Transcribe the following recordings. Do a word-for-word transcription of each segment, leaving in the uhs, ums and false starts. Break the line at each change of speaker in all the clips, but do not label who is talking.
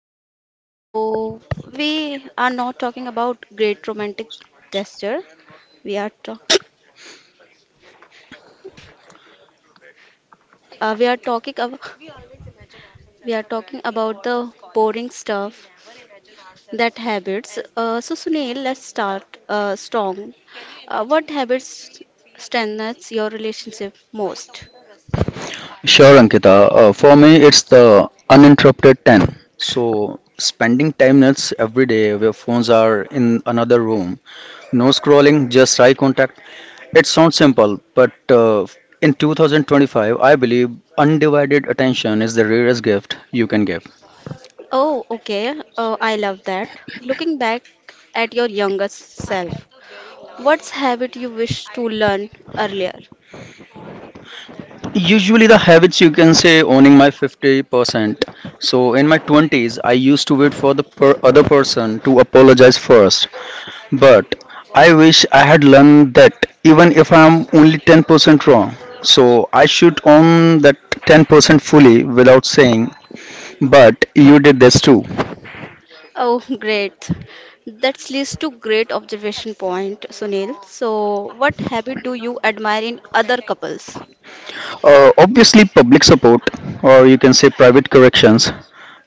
Ankita. So we are not talking about great romantic gesture. We are talking. uh, we are talking about we are talking about the boring stuff that habits. Uh, so Sunil, let's start uh, strong. Uh, what habits strengthens your relationship most?
Sure, Ankita. Uh, for me, it's the uninterrupted ten. So, spending ten minutes every day where phones are in another room, no scrolling, just eye contact. It sounds simple, but uh, in two thousand twenty-five, I believe undivided attention is the rarest gift you can give.
Oh, okay. Uh, I love that. Looking back at your younger self, what's habit you wish to learn earlier?
Usually, the habits you can say owning my fifty percent. So, in my twenties, I used to wait for the per- other person to apologize first. But I wish I had learned that even if I'm only ten percent wrong, so I should own that ten percent fully without saying, but you did this too.
Oh, great. That leads to great observation point, Sunil. So, what habit do you admire in other couples?
Uh, obviously, public support, or you can say private corrections.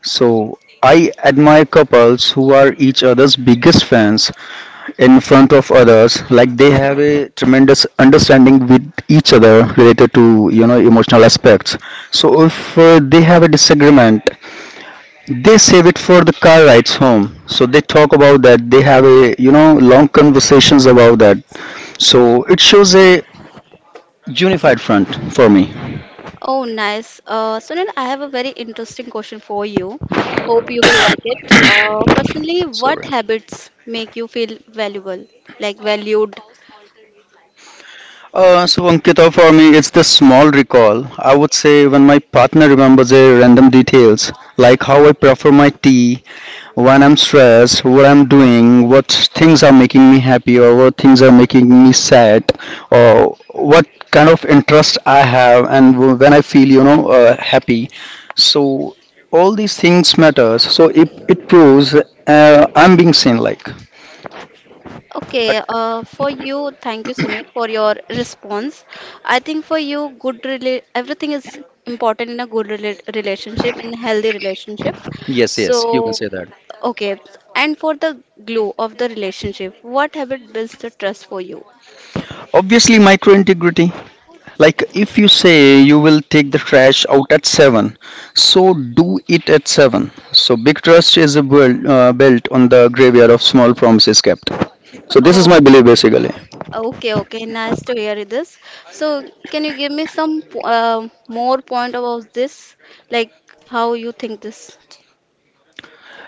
So I admire couples who are each other's biggest fans in front of others, like they have a tremendous understanding with each other related to you know emotional aspects. So if uh, they have a disagreement, they save it for the car rides home, so they talk about that. They have a you know long conversations about that, so it shows a unified front for me.
Oh, nice. Uh, Sunil, I have a very interesting question for you. Hope you will like it. Uh, personally, what
Sorry.
habits make you feel valuable, like valued?
Uh, so Ankita, for me, it's the small recall. I would say when my partner remembers a random details, like how I prefer my tea, when I'm stressed, what I'm doing, what things are making me happy, or what things are making me sad, or what kind of interest I have, and w- when I feel, you know, uh, happy. So all these things matters. So it it proves uh, I'm being seen like.
Okay, uh, for you, thank you, Sunil, for your response. I think for you, good rela everything is important in a good rela relationship, in a healthy relationship.
Yes,
So,
yes, you can say that.
okay, and for the glue of the relationship, what habit builds the trust for you?
Obviously, micro integrity. Like if you say you will take the trash out at seven, so do it at seven. So big trust is a build, uh, built on the graveyard of small promises kept. So this is
Oh,
my belief basically.
okay, okay, nice to hear this. So, can you give me some po- uh, more point about this, like how you think this?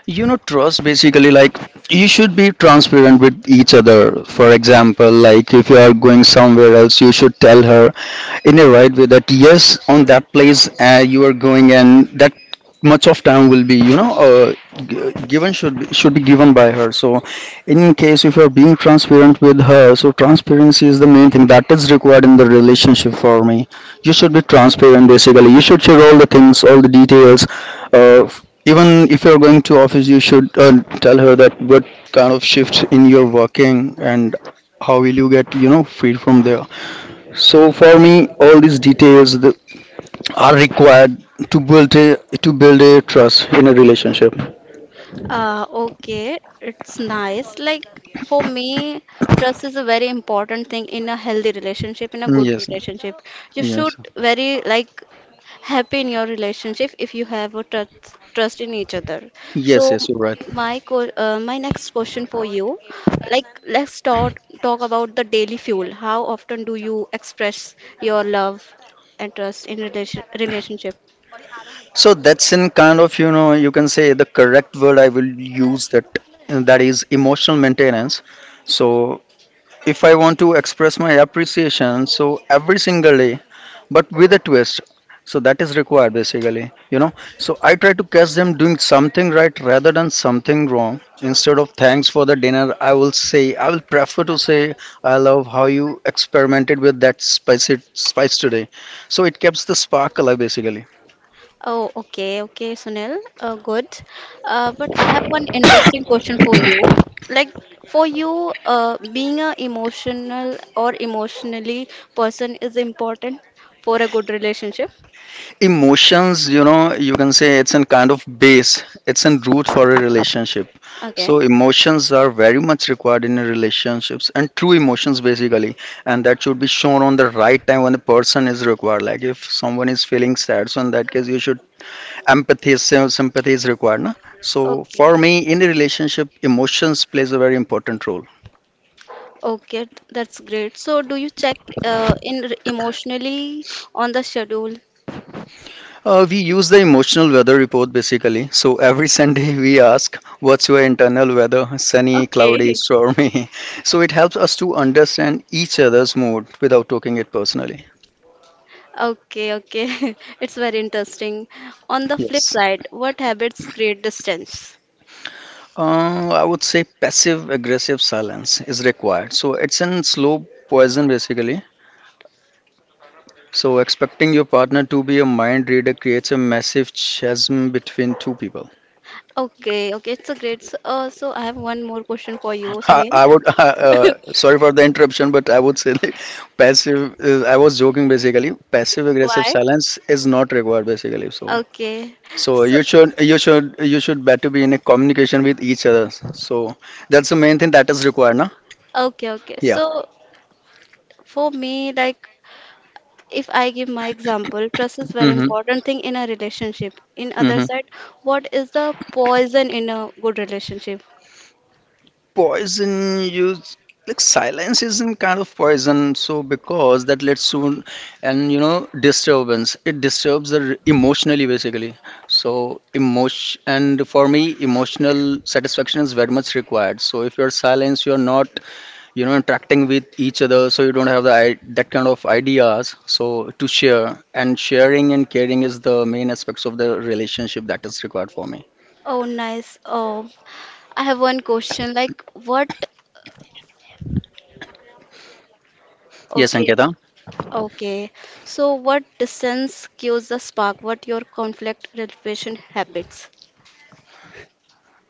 You know, trust basically like you should be transparent with each other. For example, like if you are going somewhere else, you should tell her in a right way that yes, on that place uh, you are going, and that much of time will be you know uh, g- given should be, should be given by her. So, in case if you are being transparent with her, so transparency is the main thing that is required in the relationship for me. You should be transparent basically. You should share all the things, all the details. Uh, even if you're going to office, you should uh, tell her that what kind of shifts in your working, and how will you get you know freed from there. So for me all these details that are required to build a to build a trust in a relationship.
Uh, okay, it's nice. Like for me, trust is a very important thing in a healthy relationship, in a
Mm,
good
yes.
relationship. You
yes
should very like happy in your relationship if you have a trust trust in each other.
yes
So
yes you're right.
my co uh, my next question for you, like let's talk talk about the daily fuel. How often do you express your love and trust in relation relationship?
So that's in kind of, you know, you can say the correct word I will use that, and that is emotional maintenance. So if I want to express my appreciation, so every single day, but with a twist. So that is required basically, you know. So I try to catch them doing something right rather than something wrong. Instead of thanks for the dinner, I will say, I will prefer to say, I love how you experimented with that spicy spice today. So it keeps the spark alive basically.
Oh, okay, okay, Sunil. Uh, good. Uh, but I have
One
one
interesting
interesting
question
question for
for
you. Like, for you, uh, being a emotional or emotionally person is important for a good relationship.
emotions, you know, you can say it's a kind of base, it's a root for a relationship.
Okay.
So emotions are very much required in a relationships, and true emotions basically, and that should be shown on the right time when the person is required. Like if someone is feeling sad, so in that case you should empathy is sympathy is required, na? So
Okay.
for me, in a relationship, emotions plays a very important role.
Okay, th- that's great. So, do you check uh, in r- emotionally on the schedule?
Uh, we use the emotional weather report basically. So every Sunday we ask, what's your internal weather? Sunny, cloudy,
Okay.
stormy. So it helps us to understand each other's mood without taking it personally.
Okay, okay. It's very interesting. On the flip
Yes.
side, what habits create distance?
Uh, I would say passive aggressive silence is required. So it's an slow poison basically. So expecting your partner to be a mind reader creates a massive chasm between two people.
Okay, okay, it's a great. S- Uh, so I have one more question for you,
I
Sunil.
I would, uh, uh, sorry for the interruption, but I would say like passive, uh, I was joking basically. Passive aggressive
Why?
silence is not required basically. So,
Okay.
so
So,
you should, you should, you should better be in a communication with each other. So that's the main thing that is required, na?
okay, okay.
Yeah.
So for me, like, if I give my example, trust is very
Mm-hmm.
important thing in a relationship. In other
Mm-hmm.
side, what is the poison in a good relationship?
Poison use, like silence isn't kind of poison, so because that leads to and you know disturbance. It disturbs the r- emotionally basically. So emotion, and for me emotional satisfaction is very much required. So if you're silenced, you're not you know interacting with each other, so you don't have the i- that kind of ideas so to share, and sharing and caring is the main aspects of the relationship that is required for me.
Oh, nice. Oh, I have one question. Like, what?
Yes,
Okay.
Anketa.
Okay, so what distance cues the spark? What your conflict resolution habits?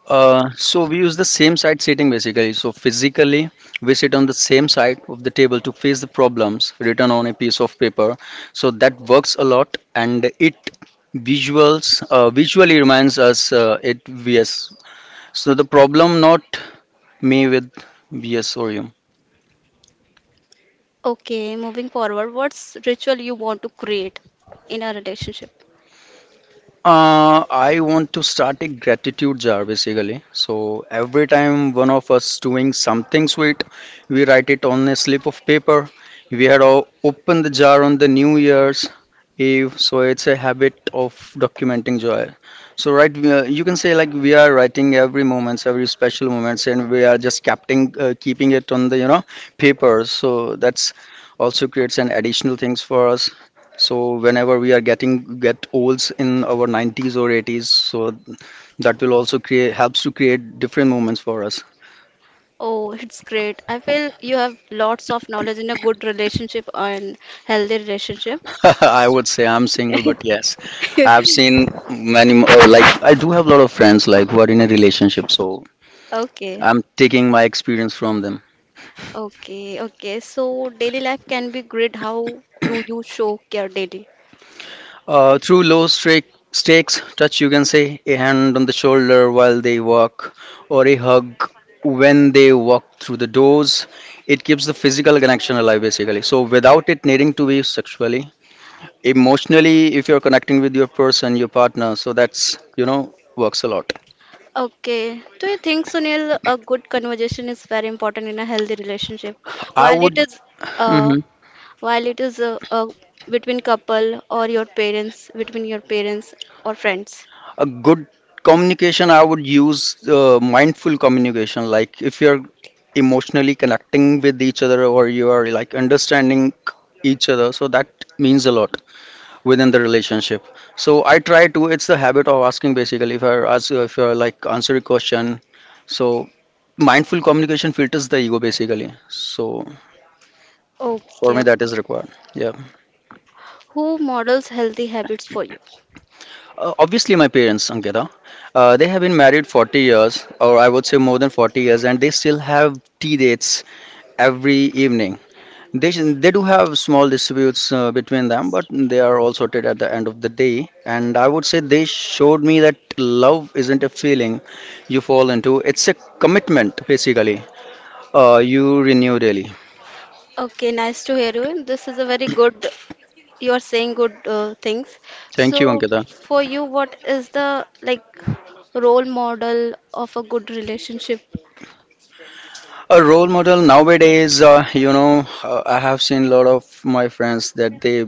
Uh, so we use the same side seating basically. So physically, we sit on the same side of the table to face the problems written on a piece of paper. So that works a lot, and it visuals uh, visually reminds us uh, it versus. So the problem, not me, with vs or you.
Okay, moving forward, what's ritual you want to create in a relationship?
Uh, I want to start a gratitude jar basically. So every time one of us doing something sweet, we write it on a slip of paper. We had all opened the jar on the New Year's Eve, so it's a habit of documenting joy. So right, we are- you can say like we are writing every moments, every special moments, and we are just capting, uh, keeping it on the you know paper. So that's also creates an additional things for us. So whenever we are getting get olds in our nineties or eighties, so that will also create helps to create different moments for us.
Oh, it's great. I feel you have lots of knowledge in a good relationship and healthy relationship.
I would say I'm single, but yes, I've seen many mo- uh, like I do have a lot of friends like who are in a relationship, so
Okay.
I'm taking my experience from them.
Okay, okay. So daily life can be great. How do you show care daily?
Uh, through low stake, stakes touch, you can say a hand on the shoulder while they walk, or a hug when they walk through the doors. It keeps the physical connection alive, basically. So without it needing to be sexually, emotionally, if you're connecting with your person, your partner, so that's you know works a lot.
Okay. Do you think, Sunil, a good conversation is very important in a healthy relationship?
I
While it
would.
is, uh,
Mm-hmm.
while it is uh, uh, between couple or your parents, between your parents or friends.
A good communication, I would use uh, mindful communication. Like if you're emotionally connecting with each other, or you are like understanding each other, so that means a lot within the relationship. So I try to, it's the habit of asking basically. If I ask, if you're like answer a question. So mindful communication filters the ego basically. So for
Okay.
me, that is required. Yeah.
Who models healthy habits for you?
Uh, obviously, my parents, Ankita, uh, they have been married forty years, or I would say more than forty years, and they still have tea dates every evening. They, they do have small disputes uh, between them, but they are all sorted at the end of the day. And I would say they showed me that love isn't a feeling you fall into, it's a commitment, basically. Uh, you renew daily.
Okay, nice to hear you. This is a very good, you are saying good uh, things.
Thank you,
So,
Ankita.
for you, what is the like role model of a good relationship?
A role model nowadays, uh, you know, uh, I have seen a lot of my friends that they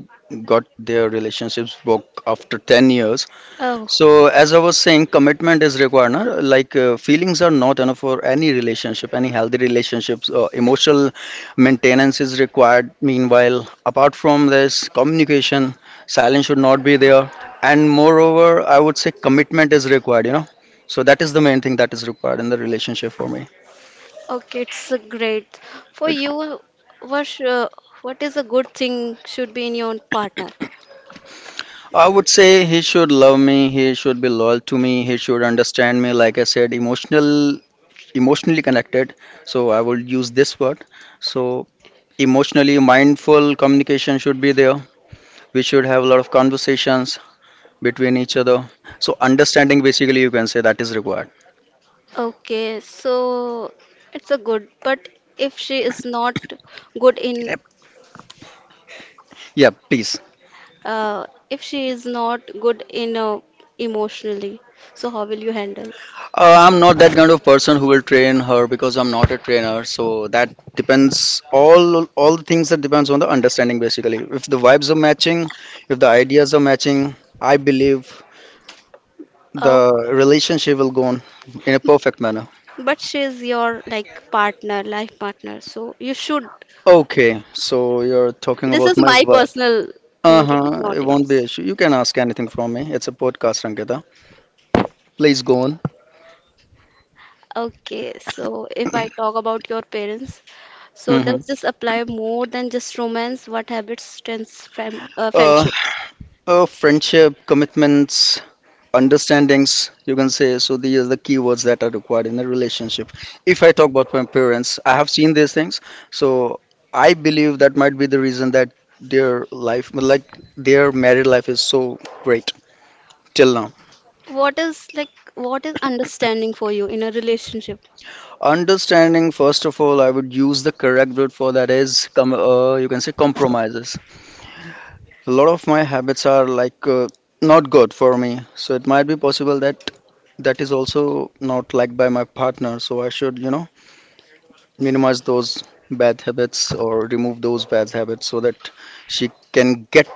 got their relationships broke after ten years.
Oh,
So, as I was saying, commitment is required. Na? Like, uh, feelings are not enough for any relationship, any healthy relationships. Uh, emotional maintenance is required. Meanwhile, apart from this, communication, silence should not be there. And moreover, I would say commitment is required, you know. So, that is the main thing that is required in the relationship for me.
okay, it's great. For you, what, uh, what is a good thing should be in your partner?
I would say he should love me, he should be loyal to me, he should understand me, like I said, emotional emotionally connected. So I will use this word. So emotionally mindful communication should be there. We should have a lot of conversations between each other. So understanding basically, you can say, that is required.
Okay, so it's a good, but if she is not good
Can,
in,
yeah, please.
uh, if she is not good in uh, emotionally, so how will you handle?
Uh, I'm not that kind of person who will train her, because I'm not a trainer. So that depends all all the things that depends on the understanding basically. If the vibes are matching, if the ideas are matching, I believe
Oh,
the relationship will go on in a perfect manner.
but she is your like partner, life partner, so you should.
Okay, so you're talking
This
about
is
my
my
wife.
personal thinking,
Uh-huh,
not
it won't be
yours.
an issue. You can ask anything from me. It's a podcast, Ankita. Please go on.
Okay, so if I talk about your parents, so
Mm-hmm.
does this apply more than just romance? What habits strengths friend, uh,
Uh,
friendships?
uh, friendship, commitments, understandings, you can say. So these are the keywords that are required in a relationship. If I talk about my parents, I have seen these things. So I believe that might be the reason that their life, like, their married life is so great till now.
What is like what is understanding for you in a relationship?
Understanding, first of all, I would use the correct word for that is com- uh, you can say compromises. A lot of my habits are like uh, not good for me, so it might be possible that that is also not liked by my partner, so I should, you know, minimize those bad habits or remove those bad habits so that she can get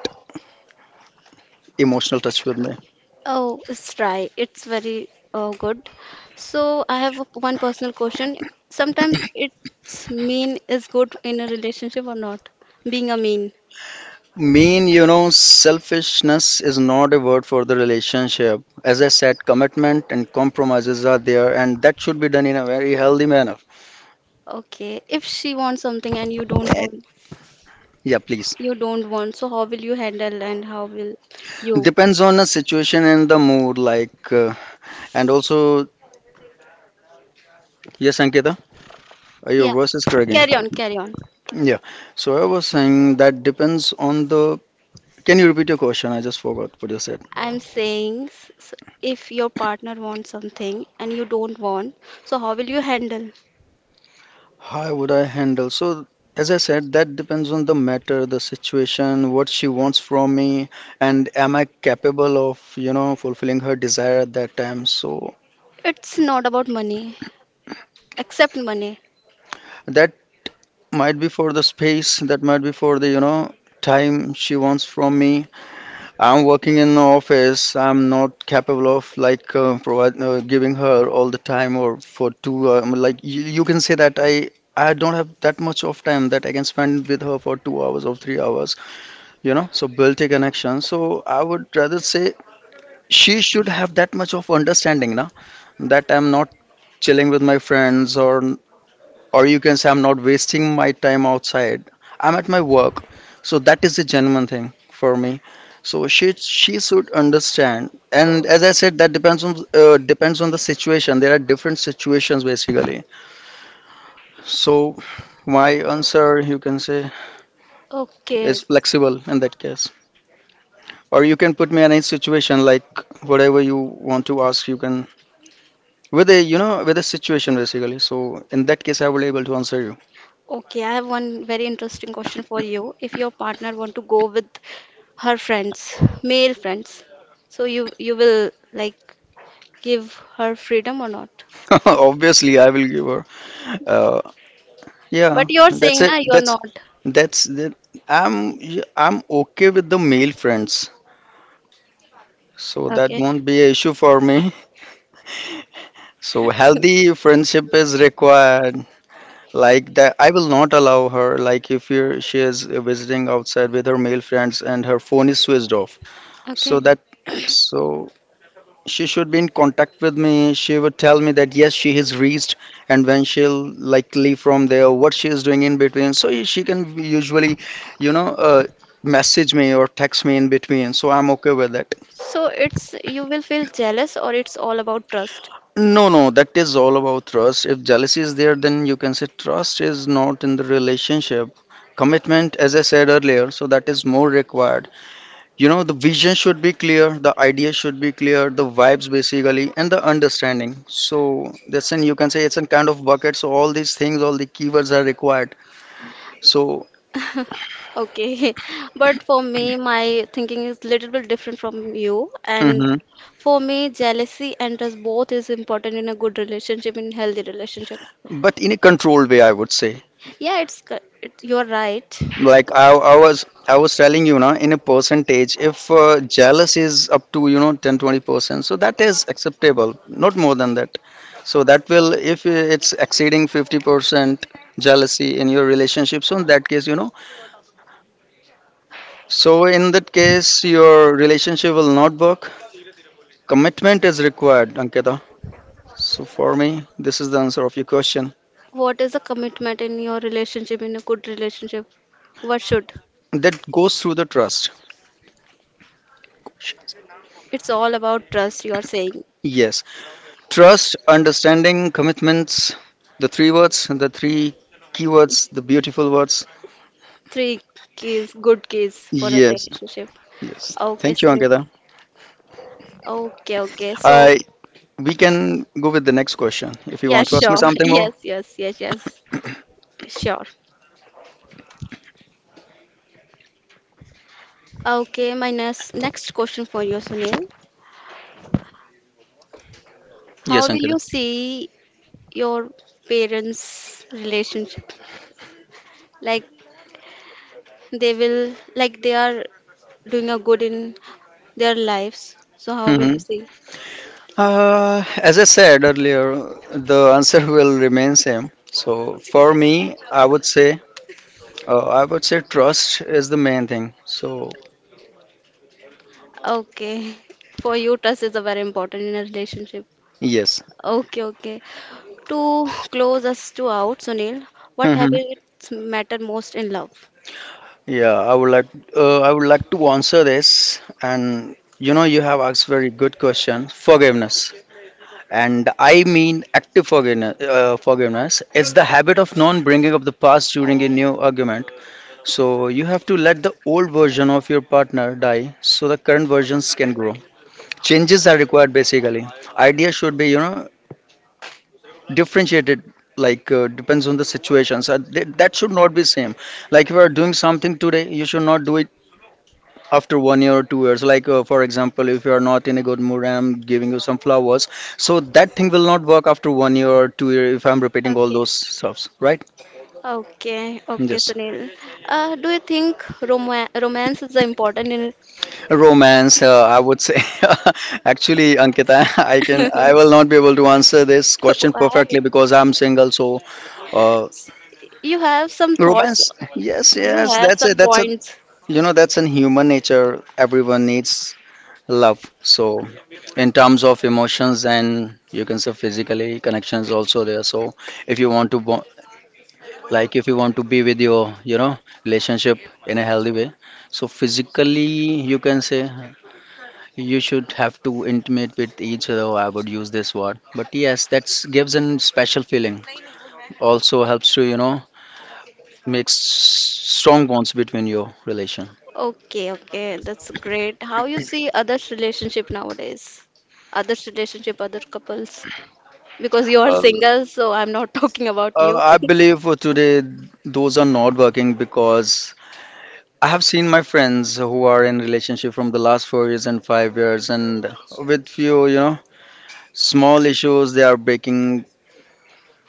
emotional touch with me.
Oh, it's right. It's very uh, good. So I have a- one personal question. Sometimes it's mean is good in a relationship or not? Being a mean.
Mean, you know, selfishness is not a word for the relationship. As I said, commitment and compromises are there, and that should be done in a very healthy manner.
Okay, if she wants something and you don't
Eh,
want.
Yeah, please.
You don't want, so how will you handle and how will you?
Depends on the situation and the mood, like, uh, and also, yes, Ankita, uh, your
Yeah,
voice is cracking.
carry on, carry on.
Yeah, so I was saying that depends on the. Can you repeat your question? I just forgot what you said.
I'm saying s- s- if your partner wants something and you don't want, so how will you handle?
How would I handle? So, as I said, that depends on the matter, the situation, what she wants from me, and am I capable of, you know, fulfilling her desire at that time. So,
It's not about money. Accept money.
that might be for the space, that might be for the, you know, time she wants from me. I'm working in the office, I'm not capable of like uh, provide, uh, giving her all the time or for two, um, like you, you can say that I. I don't have that much of time that I can spend with her for two hours or three hours. You know, so built a connection. So I would rather say she should have that much of understanding now, that I'm not chilling with my friends, or or you can say I'm not wasting my time outside, I'm at my work. So that is a genuine thing for me. So she she should understand. And as I said, that depends on uh, depends on the situation. There are different situations basically. So my answer, you can say,
Okay,
is flexible in that case or you can put me in any situation like whatever you want to ask you can with a you know with a situation basically so in that case I will able to answer you
okay. I have one very interesting question for you. If your partner want to go with her friends, male friends, so you you will like give her freedom or not.
obviously I will give her uh, yeah,
But you're
that's
saying,
it
na, you're
that's
not.
that's that i'm yeah, I'm okay with the male friends, so that
Okay.
won't be an issue for me. So healthy friendship is required. Like, that I will not allow her. Like, if you she is visiting outside with her male friends and her phone is switched off. So
Okay.
that, so she should be in contact with me. She would tell me that, yes, she has reached, and when she'll like leave from there, what she is doing in between. So she can usually, you know, uh, message me or text me in between. So I'm okay with that.
So it's you will feel jealous or it's all about trust.
No, no, that is all about trust. If jealousy is there, then you can say trust is not in the relationship. Commitment, as I said earlier, so that is more required. You know, the vision should be clear, the idea should be clear, the vibes basically, and the understanding. So that's an, you can say, it's a kind of bucket. So all these things, all the keywords are required. So,
Okay. But for me, my thinking is little bit different from you. And
hmm,
for me, jealousy and trust both is important in a good relationship, in healthy relationship.
but in a controlled way, I would say.
Yeah, it's co- it, you're right.
Like, I, I was, I was telling you, now in a percentage, if uh, jealous is up to, you know, ten, twenty percent, so that is acceptable, not more than that. So that will, if it's exceeding fifty percent jealousy in your relationship, so in that case, you know. So in that case, your relationship will not work. Commitment is required, Ankita. So for me, this is the answer of your question.
What is the commitment in your relationship, in a good relationship? What should?
That goes through the trust.
It's all about trust, you are saying.
Yes, trust, understanding, commitments, the three words, the three keywords, the beautiful words.
Three keys, good keys for a
Yes,
relationship.
yes.
Okay,
Thank you,
Sunil.
Ankita.
Okay, okay. So,
I, we can go with the next question if you
yeah,
want to ask me
sure.
something more.
Yes, yes, yes, yes. Sure. Okay, my next next question for you, Sunil. How
Yes,
yes, will
Ankita.
you see your parents' relationship? Like they will, like they are doing a good in their lives. So how will
Mm-hmm.
you see?
Uh, as I said earlier, the answer will remain same. So for me, I would say, uh, I would say trust is the main thing. So
Okay, for you, trust is a very important in a relationship.
yes,
Okay, okay. To close us to out, Sunil, what
hmm,
habits matter most in love?
yeah, I would like, uh, I would like to answer this. And you know, you have asked very good question, forgiveness. And I mean active forgiveness. Uh, forgiveness. It's the habit of non-bringing up the past during a new argument. So you have to let the old version of your partner die, so the current versions can grow. Changes are required basically. Ideas should be, you know, differentiated, like uh, depends on the situation. So th that should not be same. Like, if you are doing something today, you should not do it after one year or two years. Like uh, for example, if you are not in a good mood, I'm giving you some flowers. So that thing will not work after one year or two year if I'm repeating all
Okay.
those stuffs, right?
Okay, okay,
Yes.
Sunil. Uh, do you think rom romance is important in it?
Romance, uh, I would say. Actually, Ankita, I can I will not be able to answer this question
Why?
perfectly because I'm single, so uh,
You have some thoughts.
Romance. Yes,
You
yes.
have
That's
some
a that's a
points.
you know, that's in human nature. Everyone needs love. So in terms of emotions, and you can say physically connections also there. So if you want to bo- like, if you want to be with your, you know, relationship in a healthy way. So physically, you can say, you should have to intimate with each other. I would use this word. But yes, that's gives an special feeling. Also helps to, you know, make s- strong bonds between your relation.
Okay, okay, that's great. How you see others' relationship nowadays? Others' relationship, other couples. Because you are single, so I'm not talking about
Uh,
you.
I believe for today, those are not working, because I have seen my friends who are in relationship from the last four years and five years, and with few, you know, small issues they are breaking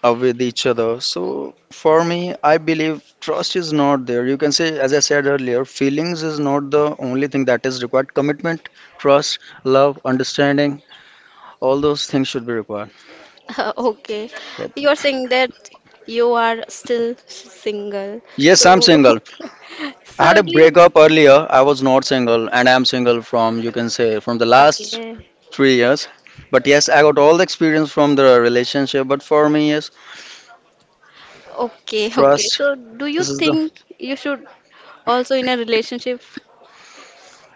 up with each other. So for me, I believe trust is not there. You can say, as I said earlier, feelings is not the only thing that is required. Commitment, trust, love, understanding, all those things should be required.
Uh, okay.
That-
You are saying that you are still single.
Yes, I'm
So,
single. I had
so
a
do you?
breakup earlier. I was not single, and I'm single from, you can say, from the last
Okay.
three years. But yes, I got all the experience from the relationship. But for me, yes,
Okay, okay.
trust.
So do you
This is the,
think you should also in a relationship?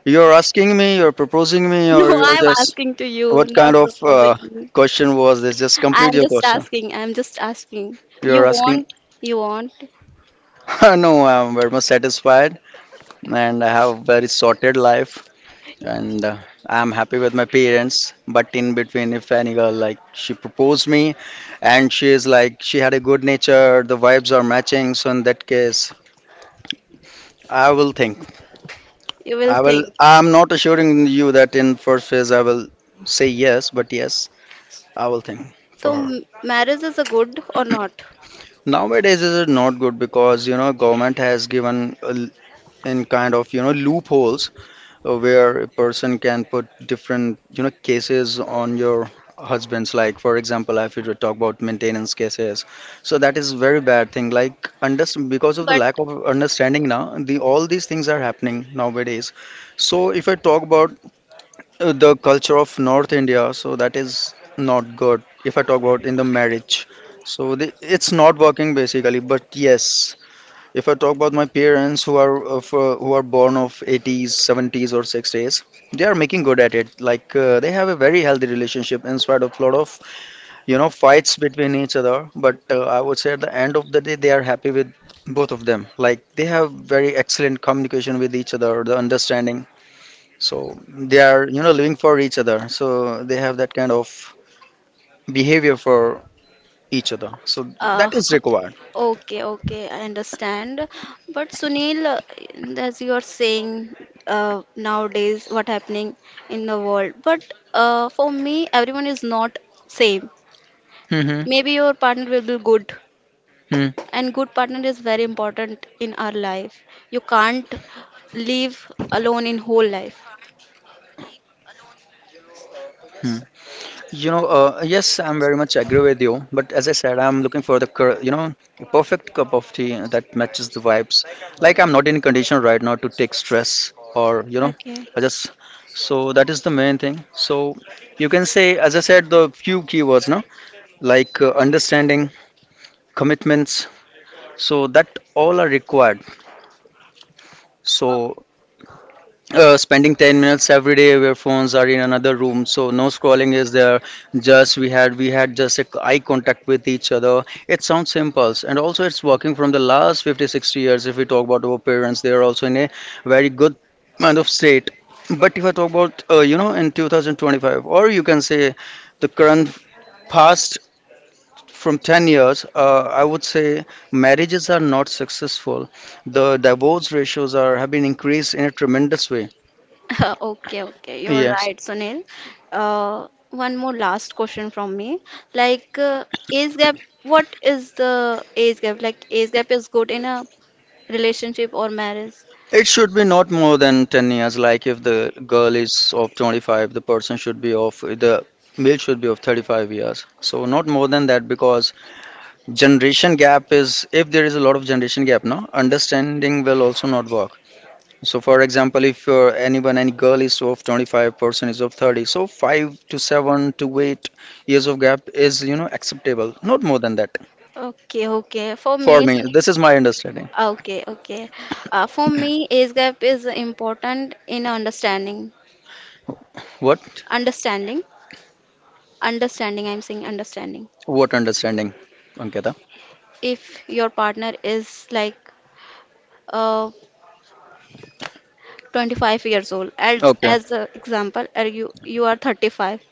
you're asking me, you're proposing me,
No,
or you're
I'm
just
asking to you,
what kind
not
of uh,
proposing.
question was this? Just complete
I'm
your
just
question.
asking. I'm just asking. You
You're asking.
want, you want,
No, I'm very much satisfied, and I have a very sorted life. And uh, I'm happy with my parents. But in between, if any girl like she proposed me, and she is like she had a good nature, the vibes are matching. So in that case, I will think.
you will
I will.
think.
I'm not assuring you that in first phase I will say yes, but yes, I will think for
So
her.
m- marriage is a good or not?
Nowadays, is it not good, because you know, government has given a l- in kind of, you know, loopholes uh, where a person can put different, you know, cases on your husband's, like for example, if you talk about maintenance cases, so that is very bad thing. Like, under, because of the
But
lack of understanding now, the all these things are happening nowadays. So if I talk about uh, the culture of North India, so that is not good. If I talk about in the marriage, so the, it's not working basically. But yes, if I talk about my parents, who are of, uh, who are born of eighties, seventies or sixties, they are making good at it. Like uh, they have a very healthy relationship in spite of lot of, you know, fights between each other. But uh, I would say at the end of the day, they are happy with both of them. Like, they have very excellent communication with each other, the understanding. So they are, you know, living for each other. So they have that kind of behavior for each other. So that
uh,
is required.
okay, okay, I understand. But Sunil, uh, as you are saying uh, nowadays, what happening in the world? But uh, for me, everyone is not same.
Hmm.
Maybe your partner will be good, and good partner is very important in our life. You can't live alone in whole life.
Hmm. You know, uh, yes, I'm very much agree with you. But as I said, I'm looking for the, cur- you know, a perfect cup of tea uh, that matches the vibes. Like, I'm not in condition right now to take stress, or, you know,
Okay.
I just, so that is the main thing. So you can say, as I said, the few keywords, no? Like uh, understanding, commitments. So that all are required. So uh, spending ten minutes every day where phones are in another room, so no scrolling is there. Just we had we had just a c- eye contact with each other. It sounds simple, and also it's working from the last fifty sixty years, if we talk about our parents. They are also in a very good kind of state. But if I talk about uh, you know, in two thousand twenty-five, or you can say the current past from ten years, uh, I would say marriages are not successful. The divorce ratios are have been increased in a tremendous way.
Okay, okay, you're
Yes.
right, Sunil. Uh, one more last question from me. Like, uh, age gap, what is the age gap? Like, age gap is good in a relationship or marriage?
It should be not more than ten years. Like, if the girl is of twenty-five, the person should be of the, male should be of thirty-five years. So not more than that, because generation gap is, if there is a lot of generation gap, no, understanding will also not work. So for example, if you anyone, any girl is of twenty-five, person is of thirty, so five to seven to eight years of gap is, you know, acceptable. Not more than that.
Okay, okay. For
For
me,
me, this
Sunil,
is my understanding.
okay, okay. Uh, for me, age gap is important in understanding.
What?
Understanding, understanding, I'm saying understanding.
What understanding, Ankita?
If your partner is like, uh, twenty-five years old as
Okay,
as an example are you you are thirty-five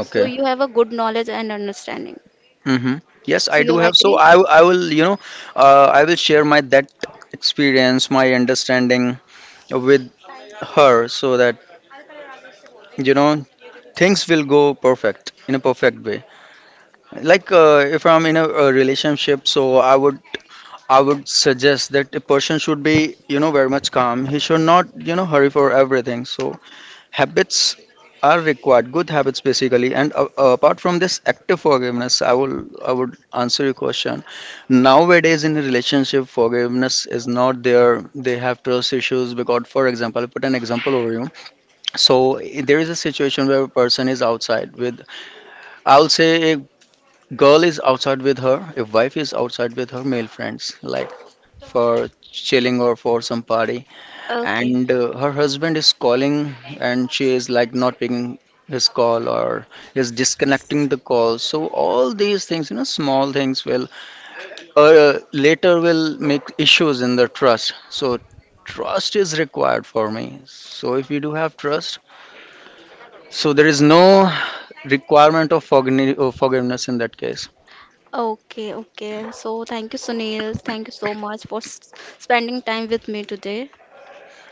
so you have a good knowledge and understanding
Mm-hmm. Yes,
so
I
you're
do have. So
agree
I, w- I will, you know, uh, I will share my that experience, my understanding with her, so that, you know, things will go perfect in a perfect way. Like uh, if I'm in a, a relationship, so I would I would suggest that a person should be, you know, very much calm. He should not, you know, hurry for everything. So habits are required, good habits basically. And uh, uh, apart from this active forgiveness, i will I would answer your question. Nowadays in a relationship, forgiveness is not there. They have trust issues, because for example, I put an example over you. So i- there is a situation where a person is outside with, I'll say a girl is outside with her, a wife is outside with her male friends, like for chilling or for some party.
okay
And uh, her husband is calling, and she is like not picking his call, or is disconnecting the call. So all these things, you know, small things will uh, later will make issues in the trust. So trust is required for me. So if you do have trust, so there is no requirement of forgni- uh, forgiveness in that case.
okay okay so thank you Sunil, thank you so much for s- spending time with me today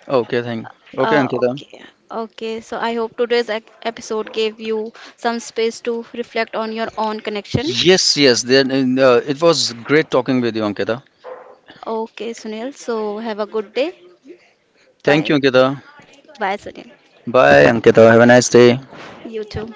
Okay, thank okay,
uh,
Ankita.
okay okay so I hope today's ec- episode gave you some space to reflect on your own connection
Yes, yes, then uh, it was great talking with you, Ankita.
okay Sunil so have a good day
Thank
bye
you, Ankita.
bye Sunil
Bye, Ankita, have a nice day.
you too